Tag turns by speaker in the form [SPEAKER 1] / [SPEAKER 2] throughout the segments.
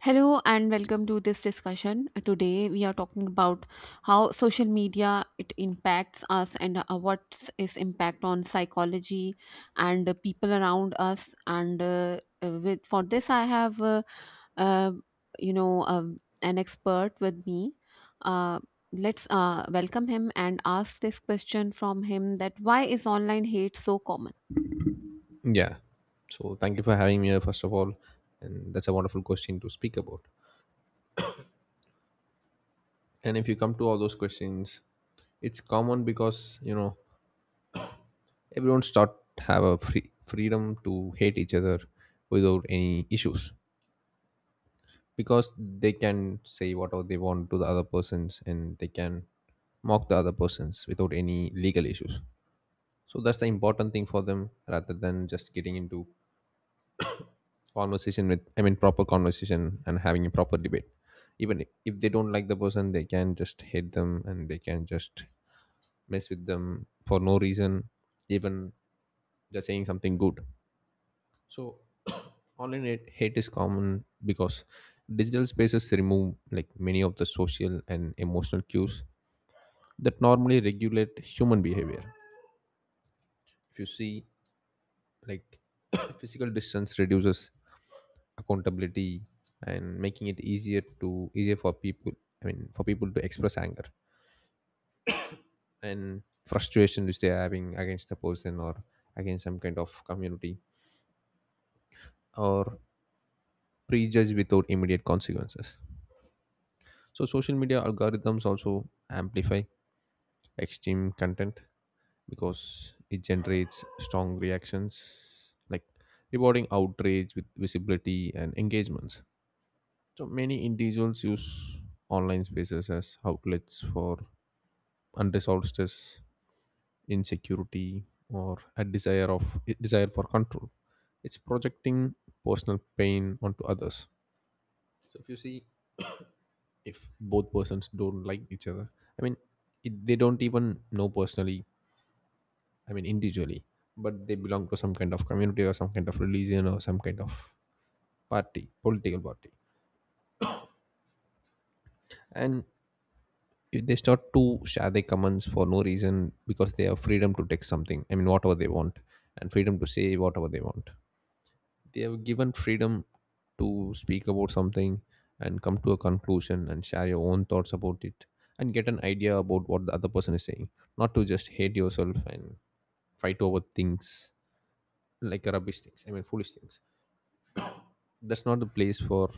[SPEAKER 1] Hello and welcome to this discussion. Today we are talking about how social media it impacts us and what's its impact on psychology and the people around us. And with for this, I have uh, an expert with me. Uh, let's welcome him and ask this question from him: that why is online hate so common?
[SPEAKER 2] Yeah. So thank you for having me here, first of all. And that's a wonderful question to speak about. And if you come to all those questions, it's common because, you know, everyone start have a freedom to hate each other without any issues, because they can say whatever they want to the other persons, and they can mock the other persons without any legal issues. So that's the important thing for them, rather than just getting into conversation with proper conversation and having a proper debate. Even if they don't like the person, they can just hate them, and they can just mess with them for no reason, even just saying something good. So online hate is common because digital spaces remove like many of the social and emotional cues that normally regulate human behavior. If you see, like, physical distance reduces accountability and making it easier for people, for people to express anger and frustration which they are having against the person or against some kind of community or prejudge without immediate consequences. So social media algorithms also amplify extreme content because it generates strong reactions, like rewarding outrage with visibility and engagements. So many individuals use online spaces as outlets for unresolved stress, insecurity, or a desire for control. It's projecting personal pain onto others. So if you see, if both persons don't like each other, I mean, they don't even know personally. I mean, individually, but they belong to some kind of community or some kind of religion or some kind of party, political party, and if they start to share their comments for no reason because they have freedom to text something, I mean, whatever they want, and freedom to say whatever they want. They have given freedom to speak about something and come to a conclusion and share your own thoughts about it and get an idea about what the other person is saying, not to just hate yourself and fight over things like rubbish things, foolish things. That's not the place for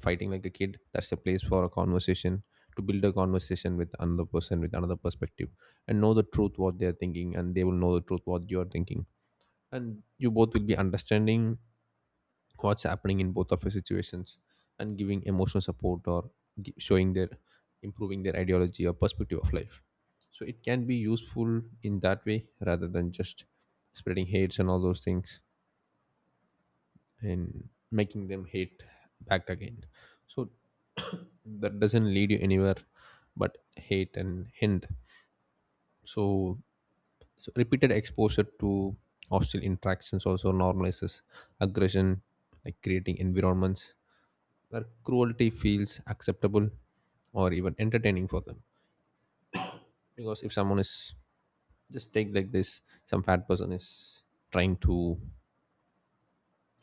[SPEAKER 2] fighting like a kid. That's the place for a conversation, to build a conversation with another person with another perspective, and know the truth what they are thinking, and they will know the truth what you are thinking, and you both will be understanding what's happening in both of your situations, and giving emotional support or showing their improving their ideology or perspective of life. So it can be useful in that way rather than just spreading hates and all those things and making them hate back again. So that doesn't lead you anywhere but hate and hint. So, so repeated exposure to hostile interactions also normalizes aggression, like creating environments where cruelty feels acceptable or even entertaining for them. Because if someone is, just take like this, some fat person is trying to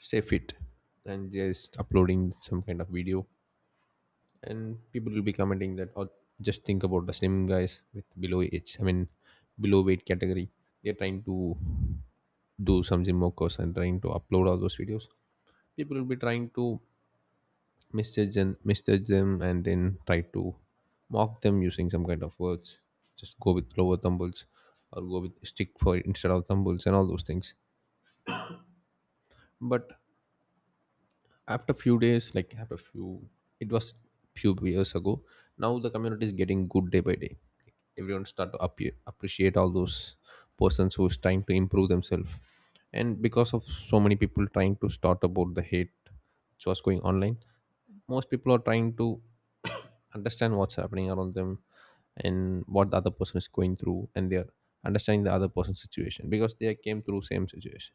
[SPEAKER 2] stay fit and just uploading some kind of video, and people will be commenting that, or just think about the slim guys with below age, I mean, below weight category. They're trying to do some gym workouts and trying to upload all those videos. People will be trying to misjudge them and then try to mock them using some kind of words. Just go with lower thumbles or go with stick for instead of thumbles and all those things. But after few days, like it was few years ago. Now the community is getting good day by day. Everyone start to appreciate all those persons who is trying to improve themselves. And because of so many people trying to start about the hate which was going online, most people are trying to understand what's happening around them and what the other person is going through, and they're understanding the other person's situation because they came through same situation,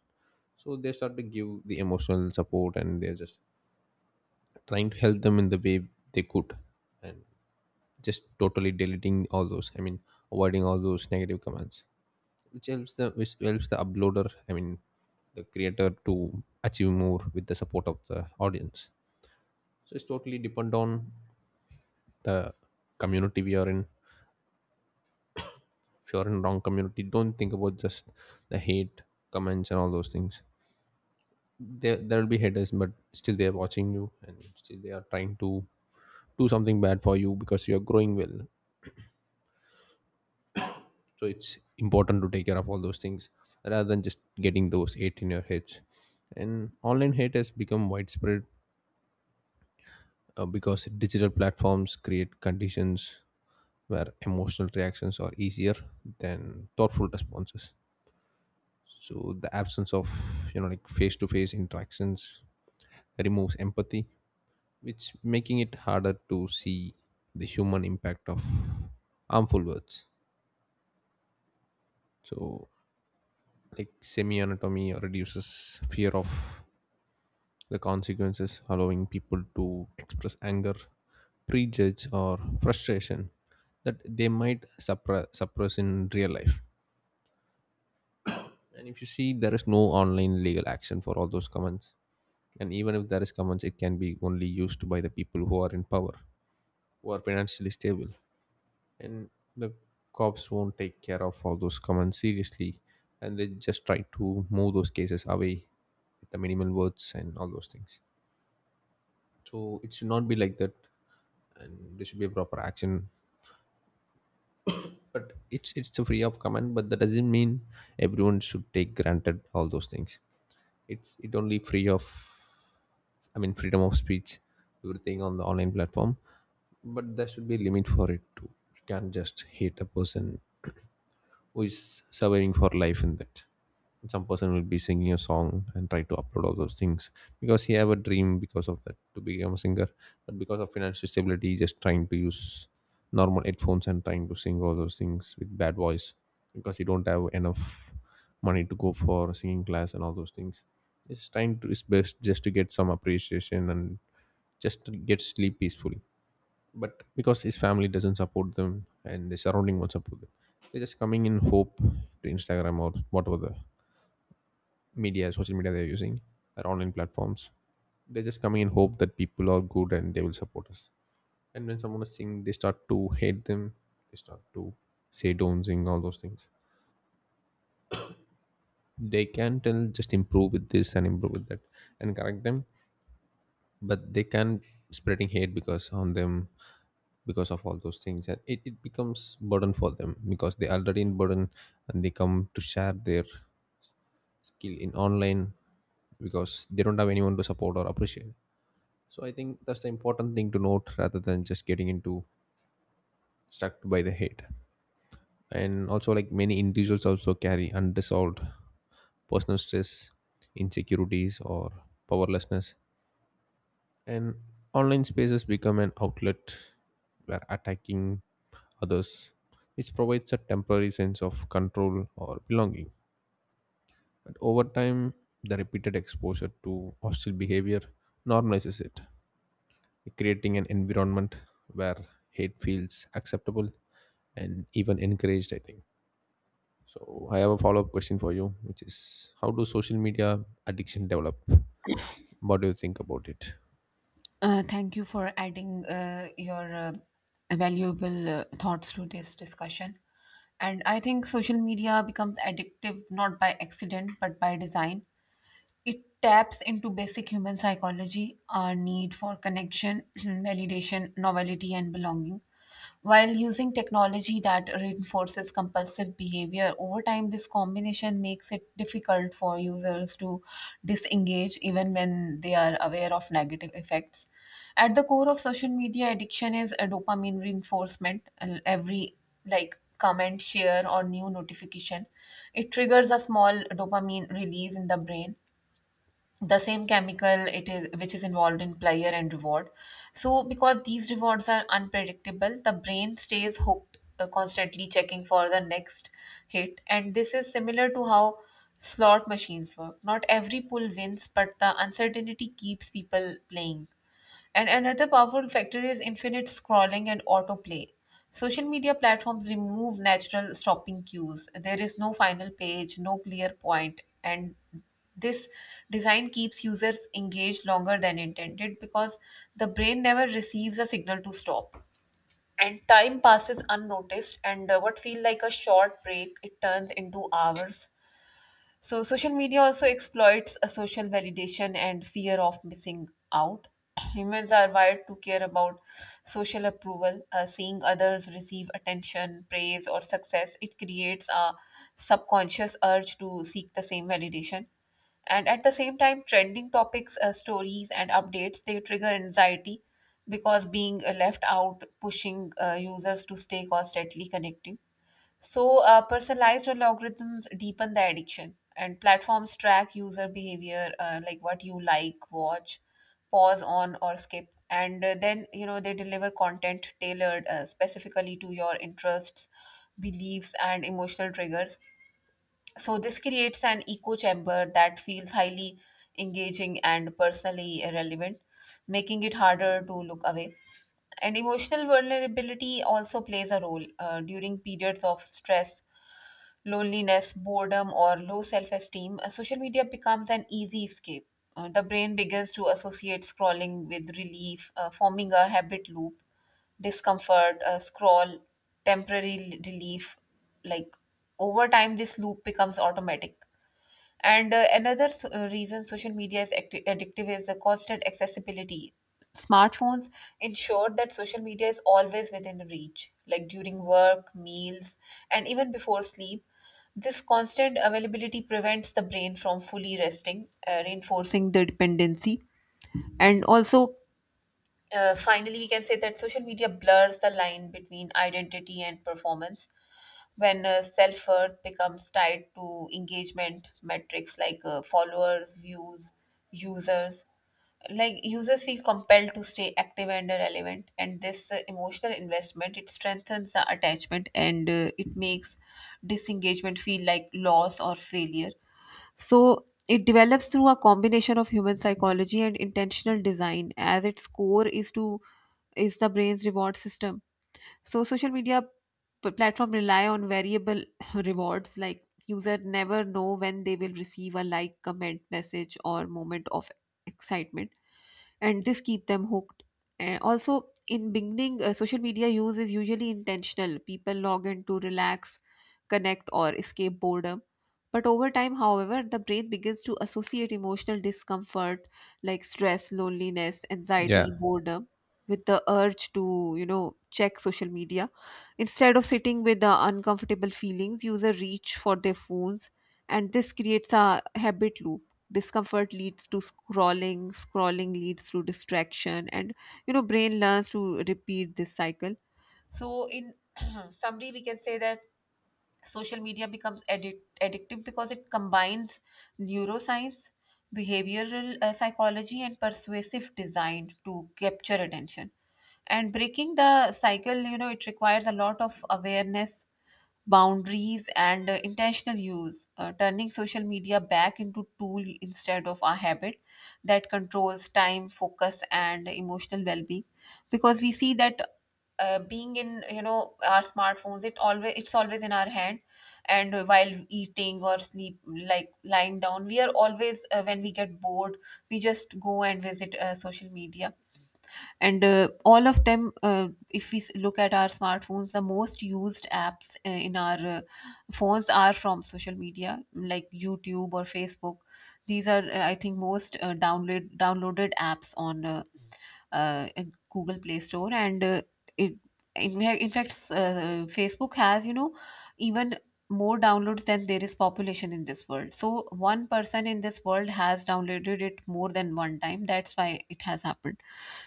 [SPEAKER 2] so they start to give the emotional support and they're just trying to help them in the way they could, and just totally deleting all those, avoiding all those negative comments, which helps the uploader, the creator, to achieve more with the support of the audience. So it's totally depend on the community we are in. If you're in wrong community, don't think about just the hate comments and all those things. There will be haters, but still they are watching you and still they are trying to do something bad for you because you are growing well. So it's important to take care of all those things rather than just getting those hate in your heads. And online hate has become widespread because digital platforms create conditions where emotional reactions are easier than thoughtful responses. So the absence of, you know, like face to face interactions removes empathy, which making it harder to see the human impact of harmful words. So, like, semi anatomy reduces fear of the consequences, allowing people to express anger, prejudge, or frustration that they might suppress in real life. And if you see, there is no online legal action for all those comments. And even if there is commons, it can be only used by the people who are in power, who are financially stable. And the cops won't take care of all those commons seriously. And they just try to move those cases away with the minimal words and all those things. So it should not be like that. And there should be a proper action. But it's a free of command, but that doesn't mean everyone should take granted all those things. It only free of, I mean, freedom of speech, everything on the online platform, but there should be a limit for it too. You can't just hate a person who is surviving for life in that. Some person will be singing a song and try to upload all those things because he have a dream because of that to become a singer, but because of financial stability he's just trying to use normal headphones and trying to sing all those things with bad voice, because he don't have enough money to go for singing class and all those things. He's trying to his best just to get some appreciation and just to get sleep peacefully, but because his family doesn't support them and the surrounding won't support them, they're just coming in hope to Instagram or whatever the media social media they're using or online platforms. They're just coming in hope that people are good and they will support us, and when someone is singing they start to hate them. They start to say don't sing all those things. They can tell just improve with this and improve with that and correct them, but they can spreading hate because on them. Because of all those things, and it becomes burden for them because they already in burden, and they come to share their skill in online because they don't have anyone to support or appreciate. So I think that's the important thing to note rather than just getting into stuck by the hate. And also, like, many individuals also carry unresolved personal stress, insecurities, or powerlessness. And online spaces become an outlet where attacking others, which provides a temporary sense of control or belonging. But over time, the repeated exposure to hostile behavior normalizes it, creating an environment where hate feels acceptable and even encouraged, I think. So, I have a follow up question for you, which is how do social media addiction develop? What do you think about it?
[SPEAKER 1] Thank you for adding your valuable thoughts to this discussion. And I think social media becomes addictive not by accident but by design. It taps into basic human psychology, our need for connection, validation, novelty, and belonging. While using technology that reinforces compulsive behavior, over time this combination makes it difficult for users to disengage even when they are aware of negative effects. At the core of social media addiction is a dopamine reinforcement. And Every like, comment, share, or new notification, it triggers a small dopamine release in the brain, the same chemical it is which is involved in pleasure and reward. So because these rewards are unpredictable, the brain stays hooked, constantly checking for the next hit. And this is similar to how slot machines work: not every pull wins, but the uncertainty keeps people playing. And another powerful factor is infinite scrolling and autoplay. Social media platforms remove natural stopping cues. There is no final page, no clear point, and this design keeps users engaged longer than intended because the brain never receives a signal to stop. And time passes unnoticed, and what feel like a short break, it turns into hours. So social media also exploits a social validation and fear of missing out. Humans are wired to care about social approval, seeing others receive attention, praise, or success. It creates a subconscious urge to seek the same validation. And at the same time, trending topics, stories, and updates they trigger anxiety because being left out, pushing users to stay constantly connecting. So, personalized algorithms deepen the addiction, and platforms track user behavior, like what you like, watch, pause on, or skip. And they deliver content tailored specifically to your interests, beliefs, and emotional triggers. So, this creates an echo chamber that feels highly engaging and personally relevant, making it harder to look away. And emotional vulnerability also plays a role. During periods of stress, loneliness, boredom, or low self esteem, social media becomes an easy escape. The brain begins to associate scrolling with relief, forming a habit loop. Discomfort, scroll, temporary relief. Like over time, this loop becomes automatic. And another reason social media is addictive is the constant accessibility. Smartphones ensure that social media is always within reach, like during work, meals, and even before sleep. This constant availability prevents the brain from fully resting, reinforcing the dependency. And also, finally, we can say that social media blurs the line between identity and performance when self worth becomes tied to engagement metrics like followers, views, users. Like users feel compelled to stay active and relevant, and this emotional investment it strengthens the attachment, and it makes disengagement feel like loss or failure. So it develops through a combination of human psychology and intentional design. As its core is the brain's reward system. So social media platform rely on variable rewards, like user never know when they will receive a like, comment, message, or moment of excitement, and this keep them hooked. And also in beginning, social media use is usually intentional. People log in to relax, connect, or escape boredom. But over time, however, the brain begins to associate emotional discomfort like stress, loneliness,
[SPEAKER 2] Yeah,
[SPEAKER 1] anxiety, boredom with the urge to check social media. Instead of sitting with the uncomfortable feelings, user reach for their phones, and this creates a habit loop. Discomfort leads to scrolling, scrolling leads to distraction, and brain learns to repeat this cycle. So, in summary, we can say that social media becomes addictive because it combines neuroscience, behavioral psychology, and persuasive design to capture attention. And breaking the cycle, it requires a lot of awareness, boundaries, and intentional use, turning social media back into tool instead of a habit that controls time, focus, and emotional well-being. Because we see that being in our smartphones, it's always in our hand, and while eating or sleep, like lying down, we are always when we get bored, we just go and visit social media. And all of them if we look at our smartphones, the most used apps in our phones are from social media, like YouTube or Facebook. These are I think most downloaded apps on uh, Google Play Store. And it in fact, Facebook has, you know, even more downloads than there is population in this world, so one person in this world has downloaded it more than one time. That's why it has happened.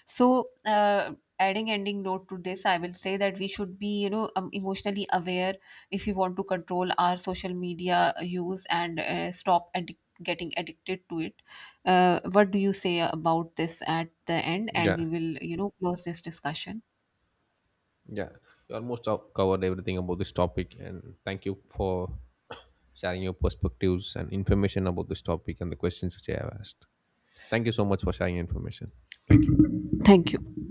[SPEAKER 1] So, adding ending note to this, I will say that we should be, emotionally aware if we want to control our social media use and stop getting addicted to it. What do you say about this at the end? And
[SPEAKER 2] yeah.
[SPEAKER 1] we will, close this discussion.
[SPEAKER 2] Yeah, you almost covered everything about this topic, and thank you for sharing your perspectives and information about this topic and the questions which I have asked. Thank you so much for sharing information. Thank you.
[SPEAKER 1] Thank you.